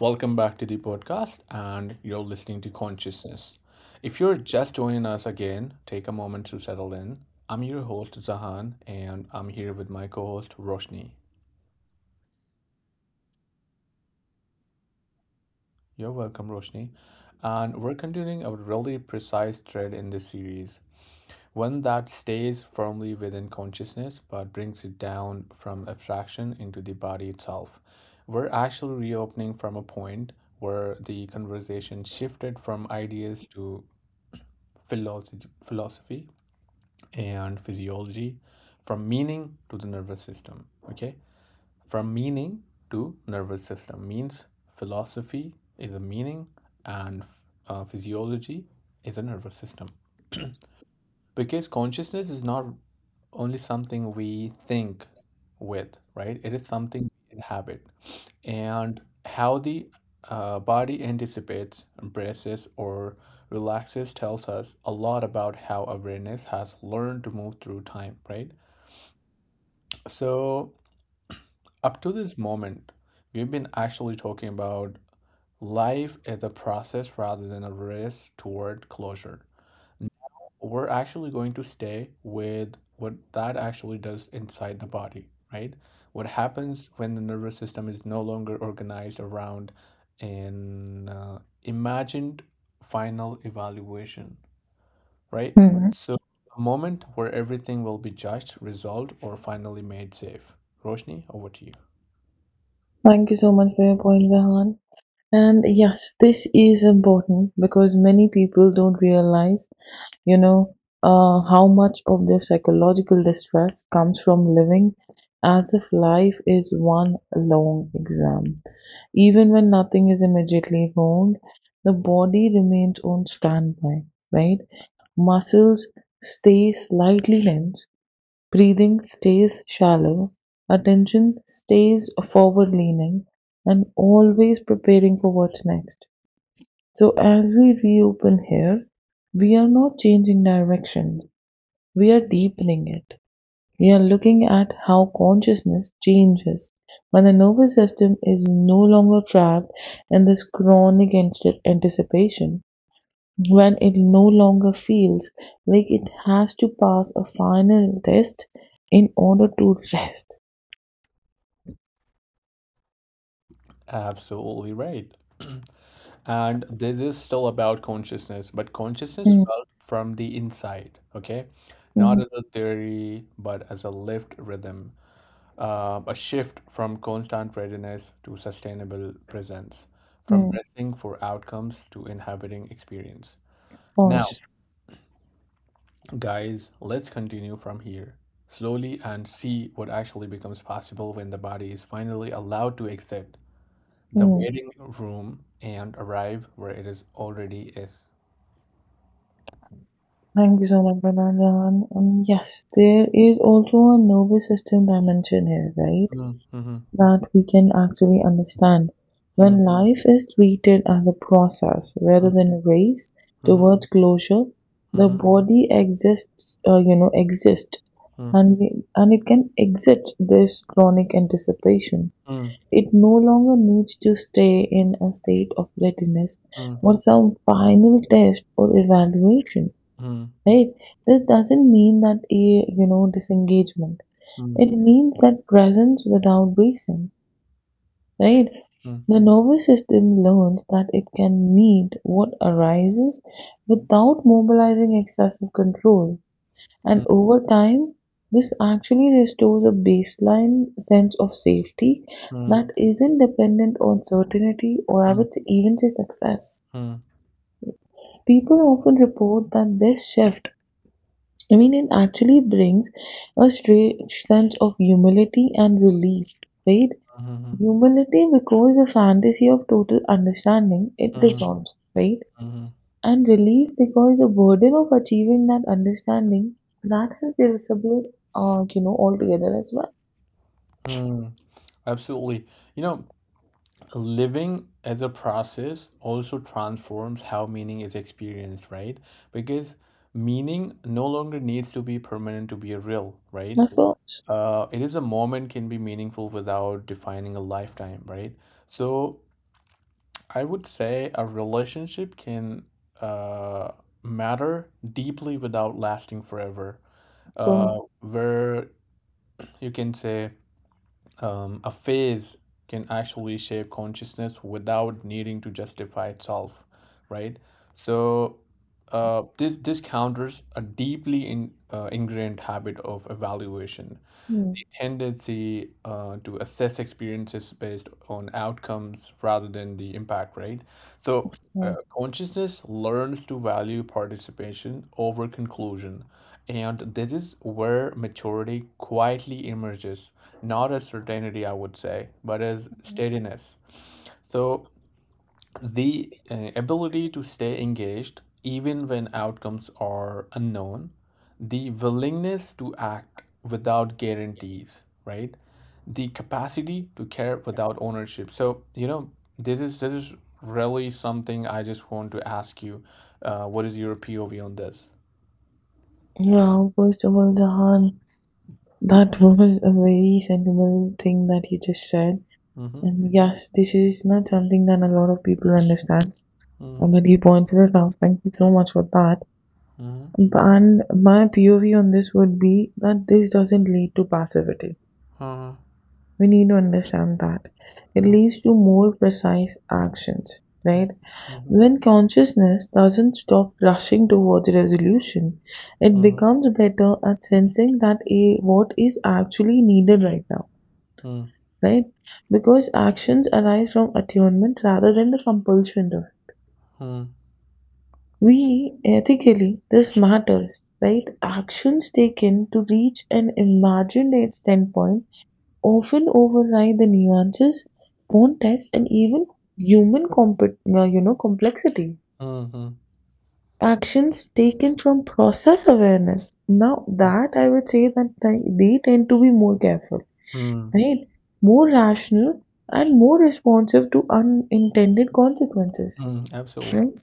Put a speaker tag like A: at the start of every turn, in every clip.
A: Welcome back to the podcast, and you're listening to Consciousness. If you're just joining us again, take a moment to settle in. I'm your host, Zahan, and I'm here with my co host, Roshni. You're welcome, Roshni. And we're continuing a really precise thread in this series, one that stays firmly within consciousness but brings it down from abstraction into the body itself. We're actually reopening from a point where the conversation shifted from ideas to philosophy, and physiology, from meaning to the nervous system. Okay? From meaning to nervous system means philosophy is a meaning and physiology is a nervous system because consciousness is not only something we think with, right? It is something we inhabit. And how the body anticipates, embraces, or relaxes tells us a lot about how awareness has learned to move through time, right? So, up to this moment, we've been actually talking about life as a process rather than a race toward closure. We're actually going to stay with what that actually does inside the body, right? What happens when the nervous system is no longer organized around an imagined final evaluation, right?
B: Mhm.
A: So, a moment where everything will be judged, resolved, or finally made safe. Roshni, over to you.
B: Thank you so much for your point, Vahan. And yes, this is important because many people don't realize, you know, how much of their psychological distress comes from living as if life is one long exam. Even when nothing is immediately harmed, the body remains on standby, right? Muscles stay slightly tense, breathing stays shallow, attention stays forward-leaning, and always preparing for what's next. So as we reopen here, we are not changing direction, we are deepening it. We are looking at how consciousness changes when the nervous system is no longer trapped in this chronic anticipation, when it no longer feels like it has to pass a final test in order to rest.
A: Absolutely right. And this is still about consciousness, but consciousness
B: Mm,
A: felt from the inside, okay? Not
B: mm,
A: as a theory, but as a lived rhythm, a shift from constant readiness to sustainable presence, from
B: mm.
A: dressing for outcomes to inhabiting experience. Now,
B: Pause.
A: guys, let's continue from here slowly and see what actually becomes possible when the body is finally allowed to exit the
B: Mm.
A: waiting room and arrive where it is already is.
B: Thank you so much, Banana. Yes, there is also a nervous system dimension here, right?
A: Mhm,
B: That we can actually understand.
A: mm,
B: When life is treated as a process
A: mm,
B: rather than a race
A: mhm,
B: towards closure, the
A: mhm,
B: body exists, exists,
A: mm,
B: and it can exit this chronic anticipation.
A: mm,
B: It no longer needs to stay in a state of readiness
A: mm,
B: for some final test or evaluation.
A: mm,
B: Right? This doesn't mean that a disengagement.
A: mm,
B: It means that presence without reason, right?
A: mm,
B: The nervous system learns that it can meet what arises without mobilizing excessive control, and
A: mm,
B: over time this actually restores a baseline sense of safety
A: mm,
B: that isn't dependent on certainty or, I
A: mm,
B: would say, even say success.
A: mm,
B: People often report that this shift, it actually brings a strange sense of humility and relief, right? Humility because the fantasy of total understanding, it
A: mhm, mhm,
B: dissolves, right?
A: mhm,
B: And relief because the burden of achieving that understanding, that has disappeared, altogether as well.
A: mm. Absolutely. You know, living as a process also transforms how meaning is experienced, right? Because meaning no longer needs to be permanent to be real, right?
B: Of course,
A: It is a moment can be meaningful without defining a lifetime, right? So I would say a relationship can uh, matter deeply without lasting forever.
B: of course.
A: Where you can say a phase can actually shape consciousness without needing to justify itself, right? So this counters a deeply in, ingrained habit of evaluation,
B: Hmm, of
A: the tendency to assess experiences based on outcomes rather than the impact, right? So, consciousness learns to value participation over conclusion, and this is where maturity quietly emerges, not as certainty, I would say, but as steadiness. So, the ability to stay engaged even when outcomes are unknown, the willingness to act without guarantees, right? The capacity to care without ownership. So, this is really something I just want to ask you. What is your POV on this?
B: Yeah, first of all, Jahan, that was a very sentimental thing that you just said.
A: Mm-hmm.
B: And yes, this is not something that a lot of people understand.
A: Mm-hmm.
B: And that you pointed it out, thank you so much for that.
A: Mm-hmm.
B: And my POV on this would be that this doesn't lead to passivity. We need to understand that. It
A: Mm-hmm.
B: leads to more precise actions, right?
A: Mm-hmm.
B: When consciousness doesn't stop rushing towards resolution, it
A: Mm-hmm.
B: becomes better at sensing that what is actually needed right now,
A: Mm-hmm.
B: right? Because actions arise from attunement rather than the compulsion of we ethically this matters, right? Actions taken to reach an imagined standpoint often override the nuances, context, and even human complexity.
A: Mm-hmm.
B: Actions taken from process awareness. Now that I would say that they tend to be more careful,
A: Mm-hmm.
B: right? More rational and more responsive to unintended consequences.
A: Mm-hmm. Absolutely.
B: Right?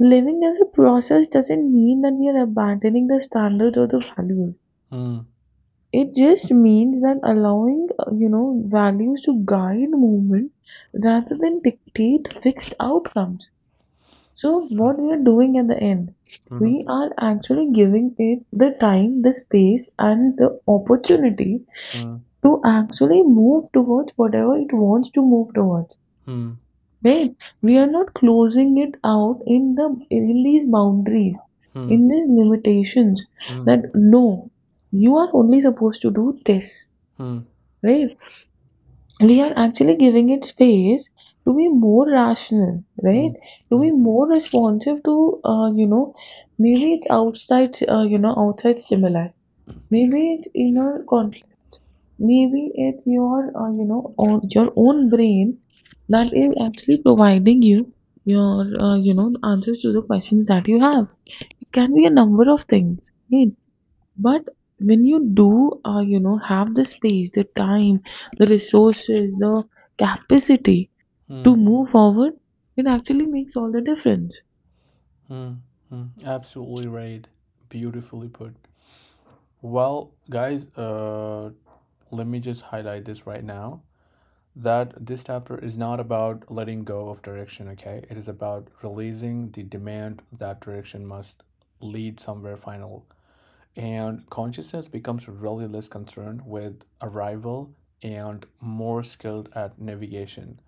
B: Living as a process doesn't mean that we are abandoning the standard or the value. It just means that allowing, values to guide movement rather than dictate fixed outcomes. So,
A: Mm-hmm.
B: what we are doing at the end, we are actually giving it the time, the space, and the opportunity
A: Mm,
B: to actually move towards whatever it wants to move towards.
A: mm,
B: Wait, we're not closing it out in these boundaries,
A: mm,
B: in these limitations
A: mm,
B: that no, you are only supposed to do this,
A: mm,
B: right? We are actually giving it space to be more rational,
A: mm, mm, mm,
B: right?
A: mm,
B: To
A: mm.
B: be
A: mm,
B: more responsive to, maybe it's outside, outside stimuli. Maybe it's inner conflict. Maybe it's your, or your own brain that is actually providing you your, answers to the questions that you have. It can be a number of things, right? But when you do, have the space, the time, the resources, the capacity
A: mm, mm,
B: to
A: mm,
B: move forward, it actually makes all the difference.
A: mm, mm, mm, mm, mm, mm, mm, mm, mm, mm, mm, Absolutely right. Beautifully put. Well, guys, let me just highlight this right now that this chapter is not about letting go of direction, okay? It is about releasing the demand that direction must lead somewhere final. And consciousness becomes really less concerned with arrival and more skilled at navigation.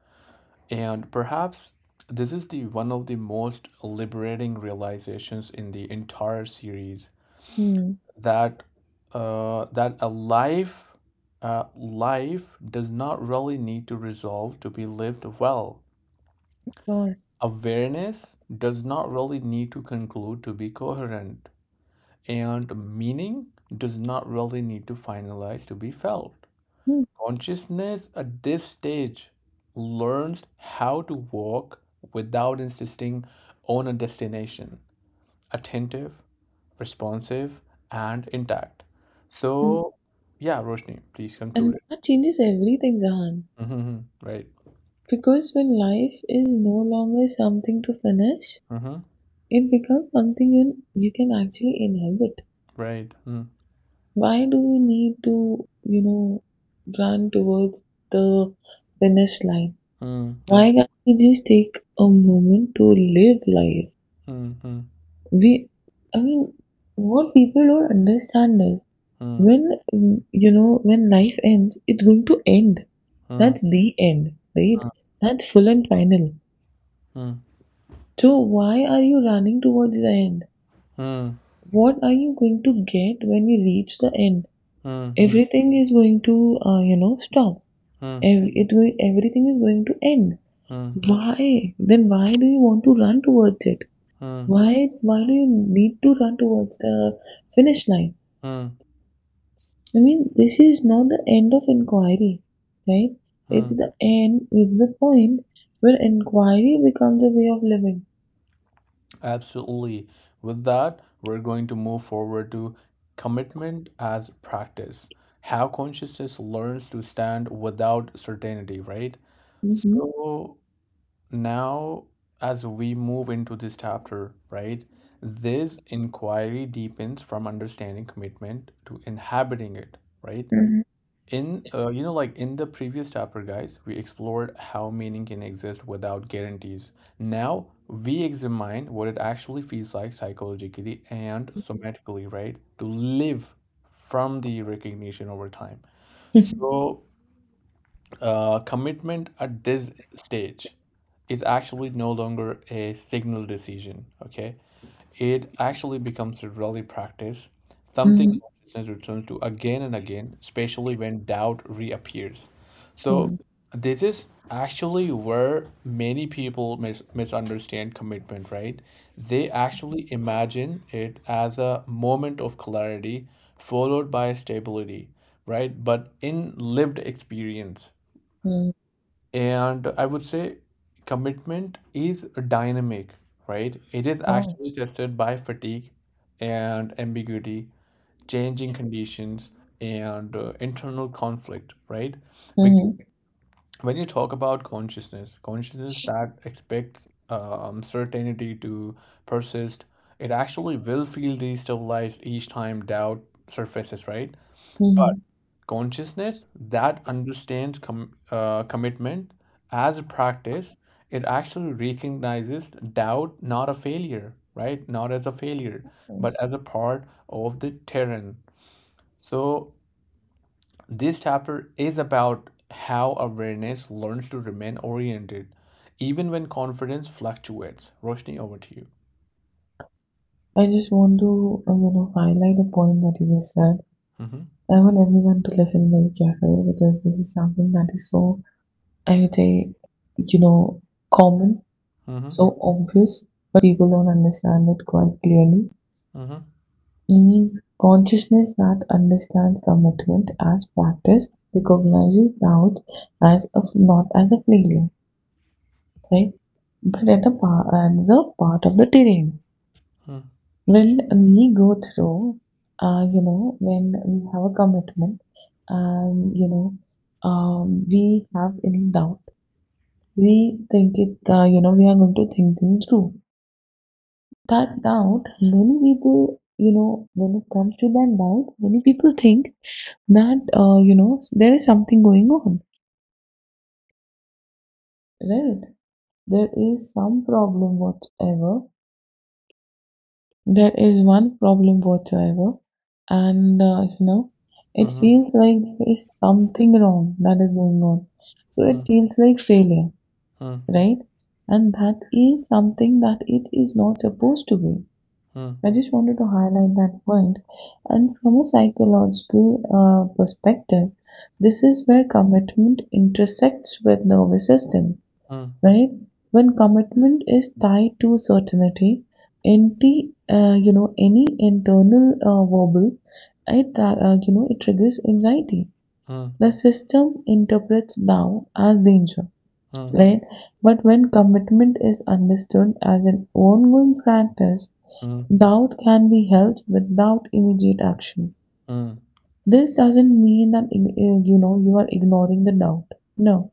A: And perhaps this is the one of the most liberating realizations in the entire series
B: Hmm.
A: that that a life life does not really need to resolve to be lived well.
B: Course.
A: Awareness does not really need to conclude to be coherent, and meaning does not really need to finalize to be felt.
B: Mm,
A: Consciousness at this stage learns how to walk without insisting on a destination, attentive, responsive, and intact.
B: mm.
A: So, yeah, Roshni, please conclude
B: And
A: it.
B: that changes everything, Zahan.
A: Mm-hmm, mm-hmm. Right.
B: Because when life is no longer something to finish,
A: Mm-hmm,
B: it becomes something you can actually inhabit.
A: right.
B: Why do we need to, run towards the finish line? Why
A: Absolutely.
B: can't we just take a moment to live life?
A: Mm, mm,
B: We, I mean, what people don't understand is
A: mm,
B: when, when life ends, it's going to end.
A: mm, mm, mm,
B: That's the end, right? That's full and final. So why are you running towards the end?
A: mm, mm, mm,
B: What are you going to get when you reach the end? Everything is going to, stop.
A: mm,
B: It will, everything is going to end. Why? Then why do you want to run towards it?
A: mm, mm,
B: Why? Why do you need to run towards the finish line?
A: mm,
B: I mean, this is not the end of inquiry, right? It's
A: mm.
B: the end. It's the point where inquiry becomes a way of living.
A: Absolutely. With that, we're going to move forward to commitment as practice. How consciousness learns to stand without certainty, right?
B: Mhm.
A: So now, as we move into this chapter, right, this inquiry deepens from understanding commitment to inhabiting it, right?
B: Mhm.
A: In you know, like in the previous chapter, guys, we explored how meaning can exist without guarantees. Now we examine what it actually feels like psychologically and somatically, right? To live from the recognition over time.
B: Mhm.
A: So, commitment at this stage is actually no longer a signal decision, okay? It actually becomes a daily practice, something consciousness returns to again and again, especially when doubt reappears. So,
B: Mm,
A: this is actually where many people misunderstand commitment, right? They actually imagine it as a moment of clarity followed by stability, right? But in lived experience,
B: mm,
A: and I would say commitment is dynamic, right? It is actually
B: Right.
A: tested by fatigue and ambiguity, changing conditions, and internal conflict, right? Because
B: Mhm.
A: when you talk about consciousness, consciousness that expects certainty to persist, it actually will feel destabilized each time doubt surfaces, right? But
B: Mhm.
A: consciousness that understands commitment as a practice, it actually recognizes doubt not a failure, right, not as a failure, but
B: Yes.
A: as a part of the terrain. So this chapter is about how awareness learns to remain oriented even when confidence fluctuates. Roshni, over to you.
B: I just want to, highlight a point that you just said.
A: Mm-hmm,
B: I want everyone to listen very carefully because this is something that is so, I would say, you know, common,
A: mm-hmm,
B: so obvious, but people don't understand it quite clearly.
A: mm-hmm,
B: Meaning, consciousness that understands commitment as practice recognizes doubt as a, not as a failure, right? But as a part of the terrain. When we go through, when we have a commitment, we have any doubt, we think it, we are going to think things through that doubt. Many people, when it comes to that doubt, many people think that, there is something going on, right? There is some problem whatsoever. There is one problem whatsoever. And, it
A: mm-hmm,
B: feels like there is something wrong that is going on. So it
A: mm-hmm,
B: feels like failure, right? And that is something that it is not supposed to be.
A: mm-hmm,
B: I just wanted to highlight that point. And from a psychological, perspective, this is where commitment intersects with nervous system,
A: mm-hmm,
B: right? When commitment is tied to certainty, any internal, verbal, it you know it triggers anxiety.
A: mm-hmm,
B: The system interprets now as danger, right? But when commitment is understood as an ongoing practice, doubt can be held without immediate action.
A: mm-hmm,
B: This doesn't mean that you are ignoring the doubt. No,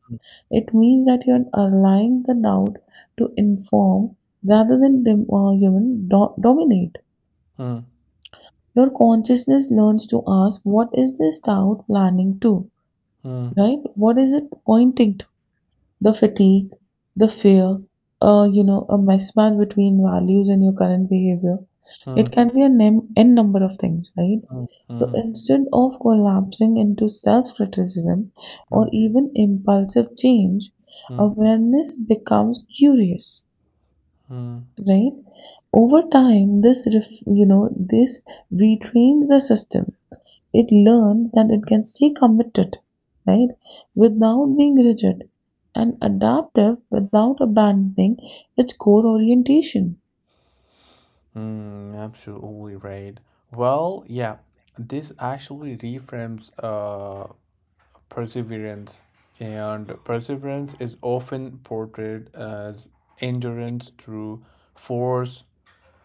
B: it means that you are allowing the doubt to inform rather than dim, you know, do- dominate.
A: mm-hmm.
B: Your consciousness learns to ask, "What is this doubt planning to?
A: Mm,
B: Right? What is it pointing the fatigue, the fear, a mismatch between values and your current behavior." It
A: mm,
B: can be a n number of things, right?
A: mm,
B: So
A: mm,
B: instead of collapsing into self criticism or
A: mm,
B: even impulsive change,
A: mm,
B: awareness becomes curious,
A: mm,
B: right? Over time, this, this retrains the system. It learns that it can stay committed, right, without being rigid and adaptive without abandoning its core orientation.
A: absolutely right. Well, yeah, this actually reframes perseverance, and perseverance is often portrayed as endurance through force,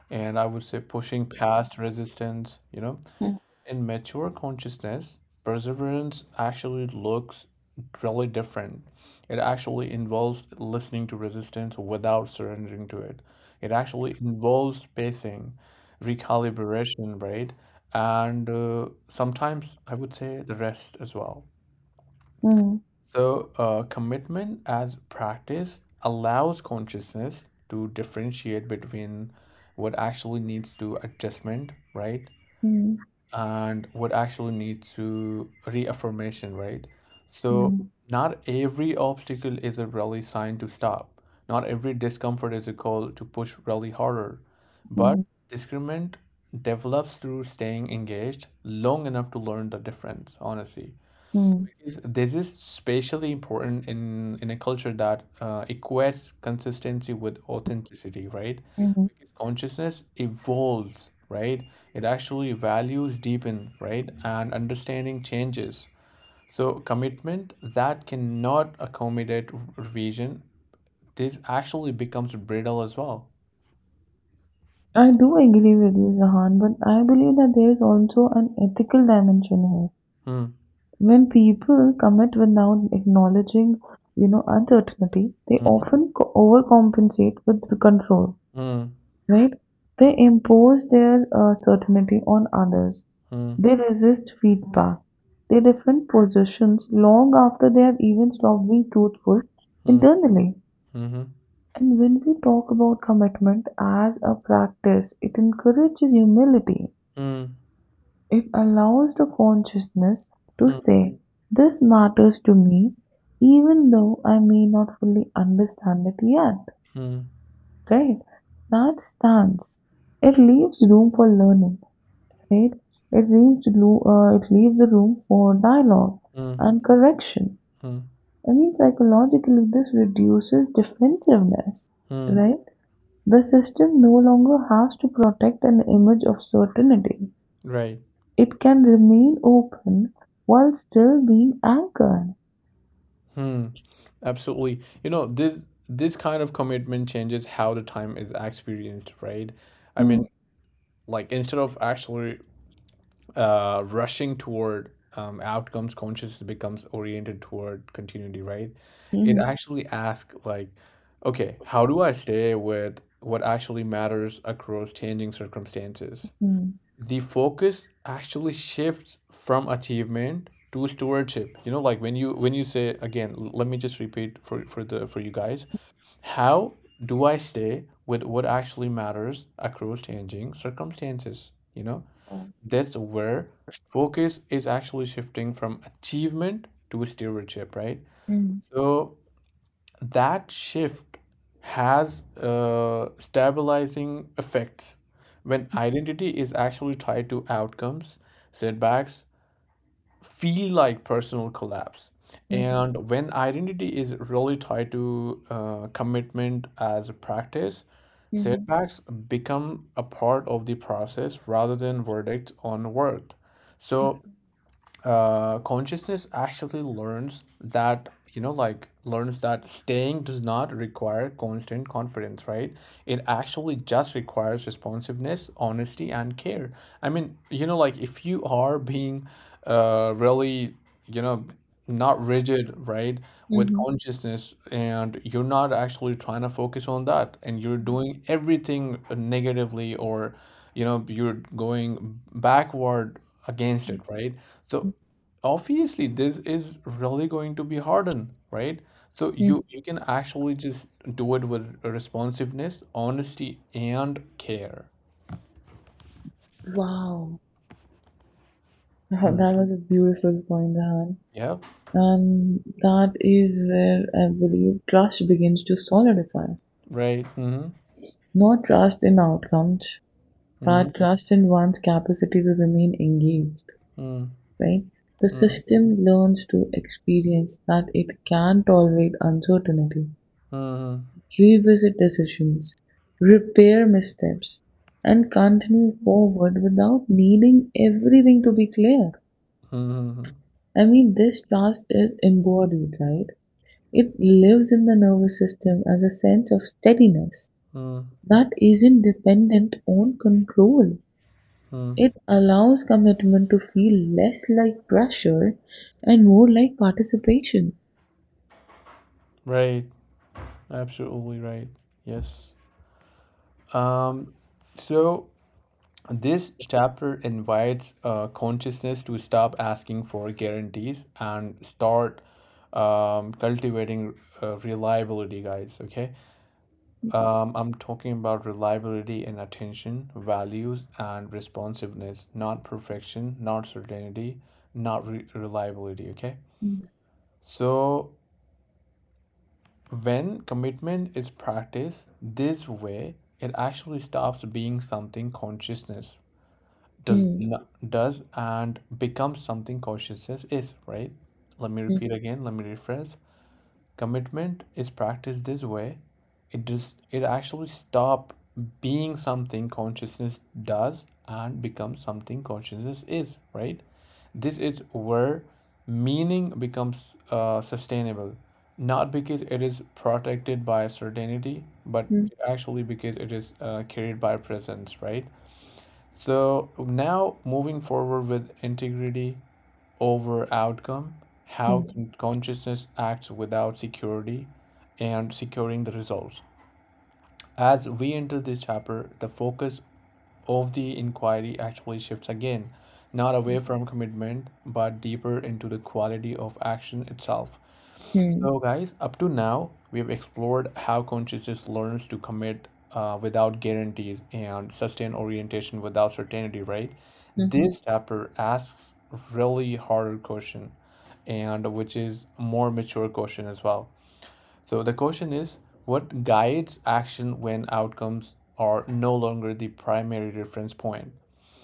A: and I would say pushing past resistance, you know.
B: Mm.
A: In mature consciousness, perseverance actually looks really different. It actually involves listening to resistance without surrendering to it. It actually involves spacing, recalibration, right? And sometimes I would say the rest as well.
B: Mm,
A: So, commitment as practice allows consciousness to differentiate between what actually needs to adjustment, right?
B: mm,
A: And would actually need to reaffirmation, right? So
B: mm,
A: not every obstacle is a really sign to stop. Not every discomfort is a call to push really harder. But
B: mm,
A: discernment develops through staying engaged long enough to learn the difference, honestly
B: mm,
A: is- This is spatially important in a culture that equates consistency with authenticity, right?
B: mm.
A: Because consciousness evolves, right? It actually values deepen, right? And understanding changes. So commitment that cannot accommodate revision, this actually becomes brittle as well.
B: I do agree with you, Zahan, but I believe that there is also an ethical dimension here.
A: Hmm.
B: When people commit without acknowledging, uncertainty, they
A: Mm-hmm.
B: often overcompensate with control,
A: Mm.
B: right? They impose their, certainty on others.
A: Mm.
B: They resist feedback. They defend positions long after they have even stopped being truthful
A: Mm.
B: internally.
A: Mm-hmm.
B: And when we talk about commitment as a practice, it encourages humility.
A: Mm.
B: It allows the consciousness to
A: Mm.
B: say, "This matters to me, even though I may not fully understand it yet."
A: Mm.
B: Right? That stance. It leaves room for learning. Instead, it leaves it leaves the room for dialogue
A: Mm.
B: and correction.
A: Mm.
B: I mean, psychologically, this reduces defensiveness,
A: Mm.
B: right? The system no longer has to protect an image of certainty.
A: Right.
B: It can remain open while still being anchored.
A: Hmm. Absolutely. This kind of commitment changes how the time is experienced, right? I mean,
B: Mm,
A: like instead of actually rushing toward outcomes, consciousness becomes oriented toward continuity, right? It
B: mhm,
A: actually asks like, okay, how do I stay with what actually matters across changing circumstances?
B: mm,
A: The focus actually shifts from achievement to stewardship. You know, like when you say again, let me just repeat for the for you guys, how do I stay with what actually matters across changing circumstances? You know,
B: oh,
A: that's where focus is actually shifting from achievement to stewardship, right?
B: mm,
A: So that shift has stabilizing effects. When identity is actually tied to outcomes, setbacks feel like personal collapse,
B: mm,
A: and when identity is really tied to commitment as a practice,
B: mhm,
A: setbacks become a part of the process rather than verdicts on worth.
B: yes,
A: So consciousness actually learns that, you know, like learns that staying does not require constant confidence, right? It actually just requires responsiveness, honesty, and care. I mean, you know, like if you are being really, you know, not rigid, right, with
B: mhm,
A: consciousness, and you're not actually trying to focus on that, and you're doing everything negatively, or, you know, you're going backward against it,
B: mhm,
A: right? So obviously this is really going to be hardened, right? So
B: mm.
A: you can actually just do it with responsiveness, honesty, and care.
B: Wow,
A: Hmm.
B: that was a beautiful point, Rahan.
A: Yeah,
B: And that is where I believe trust begins to solidify.
A: right. Mm-hmm.
B: Not trust in outcomes,
A: Mm-hmm.
B: but trust in one's capacity to remain engaged,
A: Mm-hmm.
B: right? The system learns to experience that it can tolerate uncertainty,
A: Mm-hmm. Mm-hmm.
B: revisit decisions, repair missteps, and continue forward without needing everything to be clear. I mean, this trust is embodied, right? It lives in the nervous system as a sense of steadiness
A: Mm-hmm.
B: that isn't dependent on control. It
A: Mm-hmm.
B: allows commitment to feel less like pressure and more like participation.
A: Right. Absolutely right. Yes. Um, so this chapter invites consciousness to stop asking for guarantees and start cultivating reliability, guys. Okay. I'm talking about reliability in attention, values, and responsiveness, not perfection, not certainty, not reliability. Okay.
B: Mm,
A: So, when commitment is practiced this way, it actually stops being something consciousness does
B: mm,
A: not, does and becomes something consciousness is, right? Let me repeat again, let me rephrase. Commitment is practiced this way. It does it actually stop being something consciousness does and becomes something consciousness is, right? This is where meaning becomes sustainable, not because it is protected by certainty, but
B: mm,
A: actually because it is carried by presence, right? So now moving forward with integrity over outcome, how
B: mm,
A: consciousness acts without security and securing the results. As we enter this chapter, the focus of the inquiry actually shifts again, not away from commitment, but deeper into the quality of action itself.
B: mm,
A: So, guys, up to now, we've explored how consciousness learns to commit without guarantees and sustain orientation without certainty, right?
B: mm,
A: This chapter asks really harder question, and which is more mature question as well. So the question is, what guides action when outcomes are no longer the primary reference point?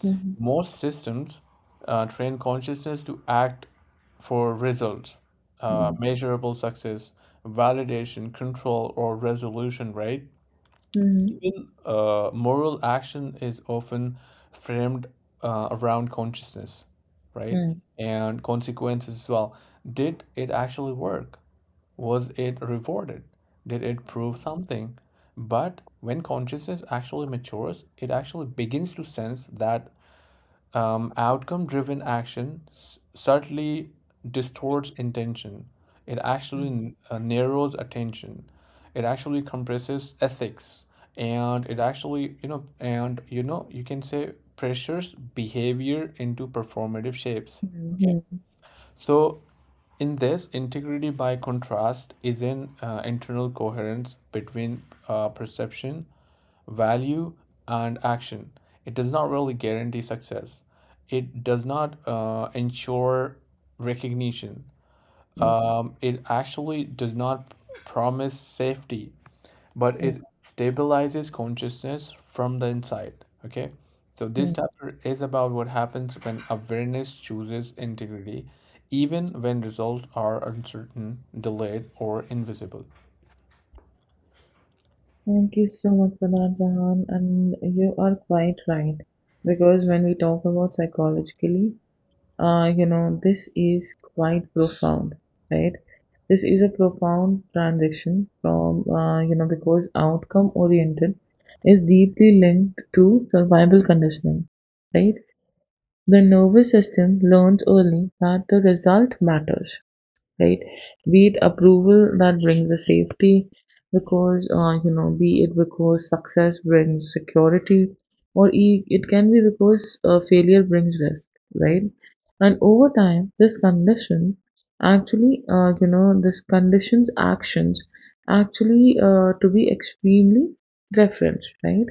B: mhm,
A: Most systems train consciousness to act for results,
B: mhm,
A: measurable success, validation, control, or resolution, right?
B: mm, mhm,
A: Even moral action is often framed around consciousness, right?
B: mm,
A: And consequences as well. Did it actually work? Was it rewarded? Did it prove something? But when consciousness actually matures, it actually begins to sense that outcome driven action subtly distorts intention. It actually narrows attention. It actually compresses ethics. And it actually, you know, and you know, you can say pressures behavior into performative shapes.
B: mm,
A: Okay.
B: mhm,
A: So, in this, integrity by contrast is an internal coherence between perception, value, and action. It does not really guarantee success. It does not ensure recognition.
B: mm,
A: It actually does not promise safety, but
B: mm,
A: it stabilizes consciousness from the inside. Okay. So this
B: mm.
A: chapter is about what happens when awareness chooses integrity, even when results are uncertain, delayed, or invisible.
B: Thank you so much for that, Zahan, and you are quite right. Because when we talk about psychologically, this is quite profound, right? This is a profound transition from, because outcome oriented is deeply linked to survival conditioning, right? The nervous system learns early that the result matters, right? Be it approval that brings the safety, because, be it because success brings security, or it can be because, failure brings risk, right? And over time, this condition actually, this conditions actions actually, to be extremely referenced, right?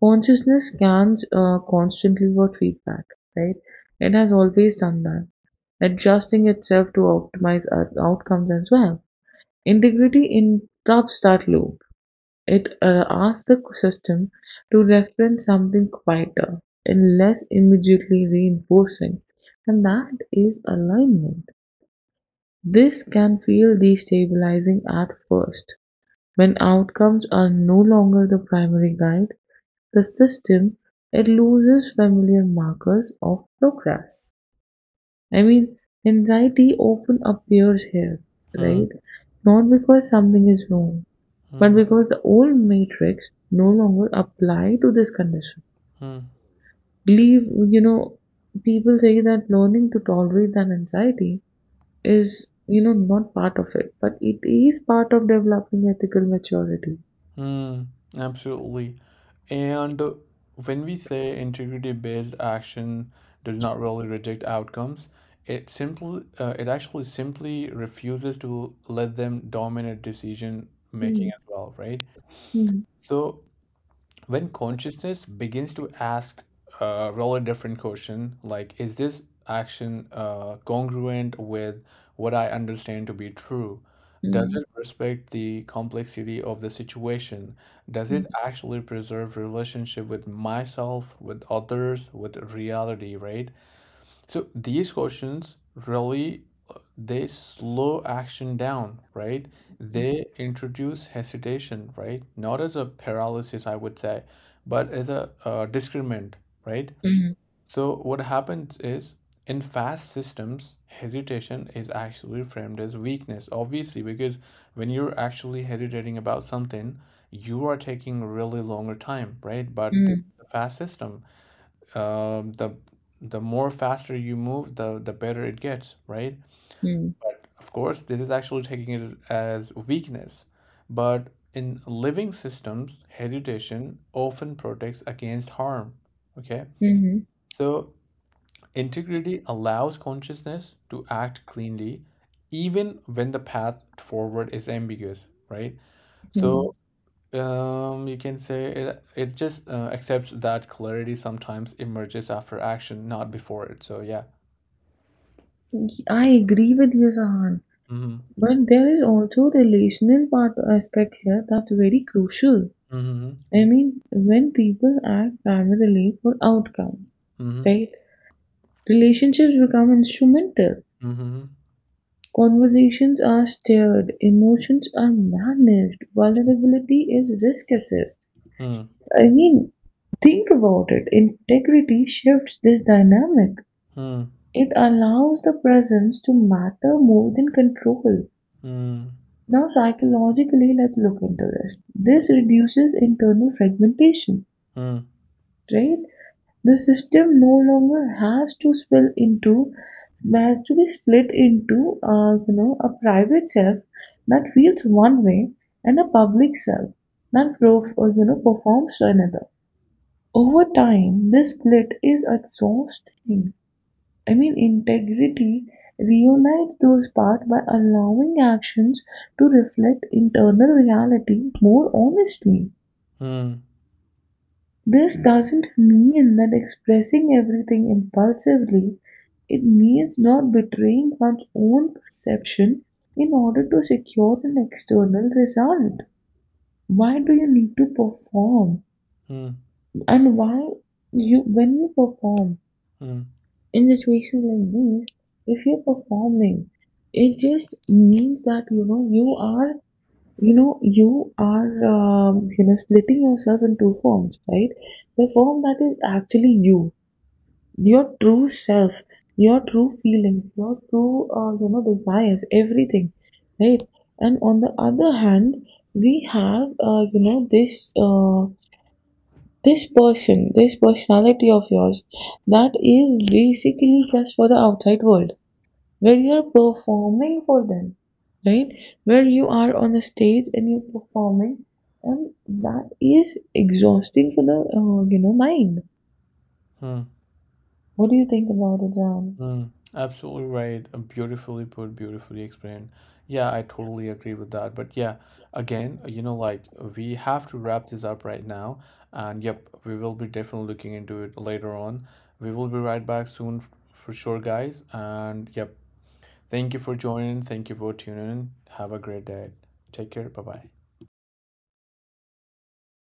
B: Consciousness scans, constantly for feedback, right? It has always done that, adjusting itself to optimize outcomes as well. Integrity interrupts that loop. It, asks the system to reference something quieter and less immediately reinforcing, and that is alignment. This can feel destabilizing at first when outcomes are no longer the primary guide, the system, it loses familiar markers of progress. I mean, anxiety often appears here,
A: Hmm,
B: right? Not because something is wrong, but
A: mhm,
B: because the old matrix no longer apply to this condition.
A: hmm.
B: Believe, you know, people say that learning to tolerate that anxiety is, not part of it, but it is part of developing ethical maturity.
A: Mm, absolutely. And when we say integrity-based action does not really reject outcomes, it simply it actually simply refuses to let them dominate decision making
B: Mm,
A: as well, right?
B: mm,
A: So when consciousness begins to ask a really different question, like is this action congruent with what I understand to be true, does
B: mm,
A: it respect the complexity of the situation, does
B: mm,
A: it actually preserve relationship with myself, with others, with reality, right? So these questions really they slow action down, right? They introduce hesitation, right? Not as a paralysis, I would say, but as a discriminant, right?
B: mm,
A: So what happens is, in fast systems, hesitation is actually framed as weakness, obviously, because when you're actually hesitating about something, you are taking really longer time, right? But the
B: mm,
A: fast system, um, the the more faster you move, the better it gets, right?
B: mm,
A: But of course, this is actually taking it as weakness. But in living systems, hesitation often protects against harm. Okay,
B: mm,
A: so integrity allows consciousness to act cleanly, even when the path forward is ambiguous, right?
B: Hmm.
A: So you can say it just accepts that clarity sometimes emerges after action, not before it. So yeah.
B: Y- I agree with you, Sahan.
A: Mm-hmm.
B: But there is also relational part aspect here that's very crucial.
A: Mm-hmm.
B: I mean, when people act primarily for outcome,
A: Mm-hmm.
B: right? Relationships become instrumental.
A: Mm-hmm.
B: Conversations are steered, emotions are managed, vulnerability is risk assessed. I mean, think about it. Integrity shifts this dynamic.
A: Mm-hmm.
B: It allows the presence to matter more than control.
A: Mm-hmm.
B: Now psychologically, let's look into this. This reduces internal fragmentation,
A: Mm-hmm.
B: right? The system no longer has to swell into, has to be split into, a private self that feels one way and a public self that, performs another. Over time, this split is exhausting. I mean, integrity reunites those parts by allowing actions to reflect internal reality more honestly.
A: Mm-hmm.
B: This doesn't mean that expressing everything impulsively, it means not betraying one's own perception in order to secure an external result. Why do you need to perform? And why you when you perform in situations like these, if you're performing, it just means that you are, you are, splitting yourself in two forms, right? The form that is actually you, your true self, your true feelings, your true, desires, everything, right? And on the other hand, we have, this, this person, this personality of yours that is basically just for the outside world where you're performing for them, right? Where you are on a stage and you're performing, and that is exhausting for the, mind.
A: Mm-hmm.
B: What do you think about it, Jan?
A: Mm, absolutely right. Beautifully put, beautifully explained. Yeah, I totally agree with that. But yeah, again, we have to wrap this up right now. And yep, we will be definitely looking into it later on. We will be right back soon for sure, guys. And yep, thank you for joining. Thank you for tuning in. Have a great day. Take care. Bye bye.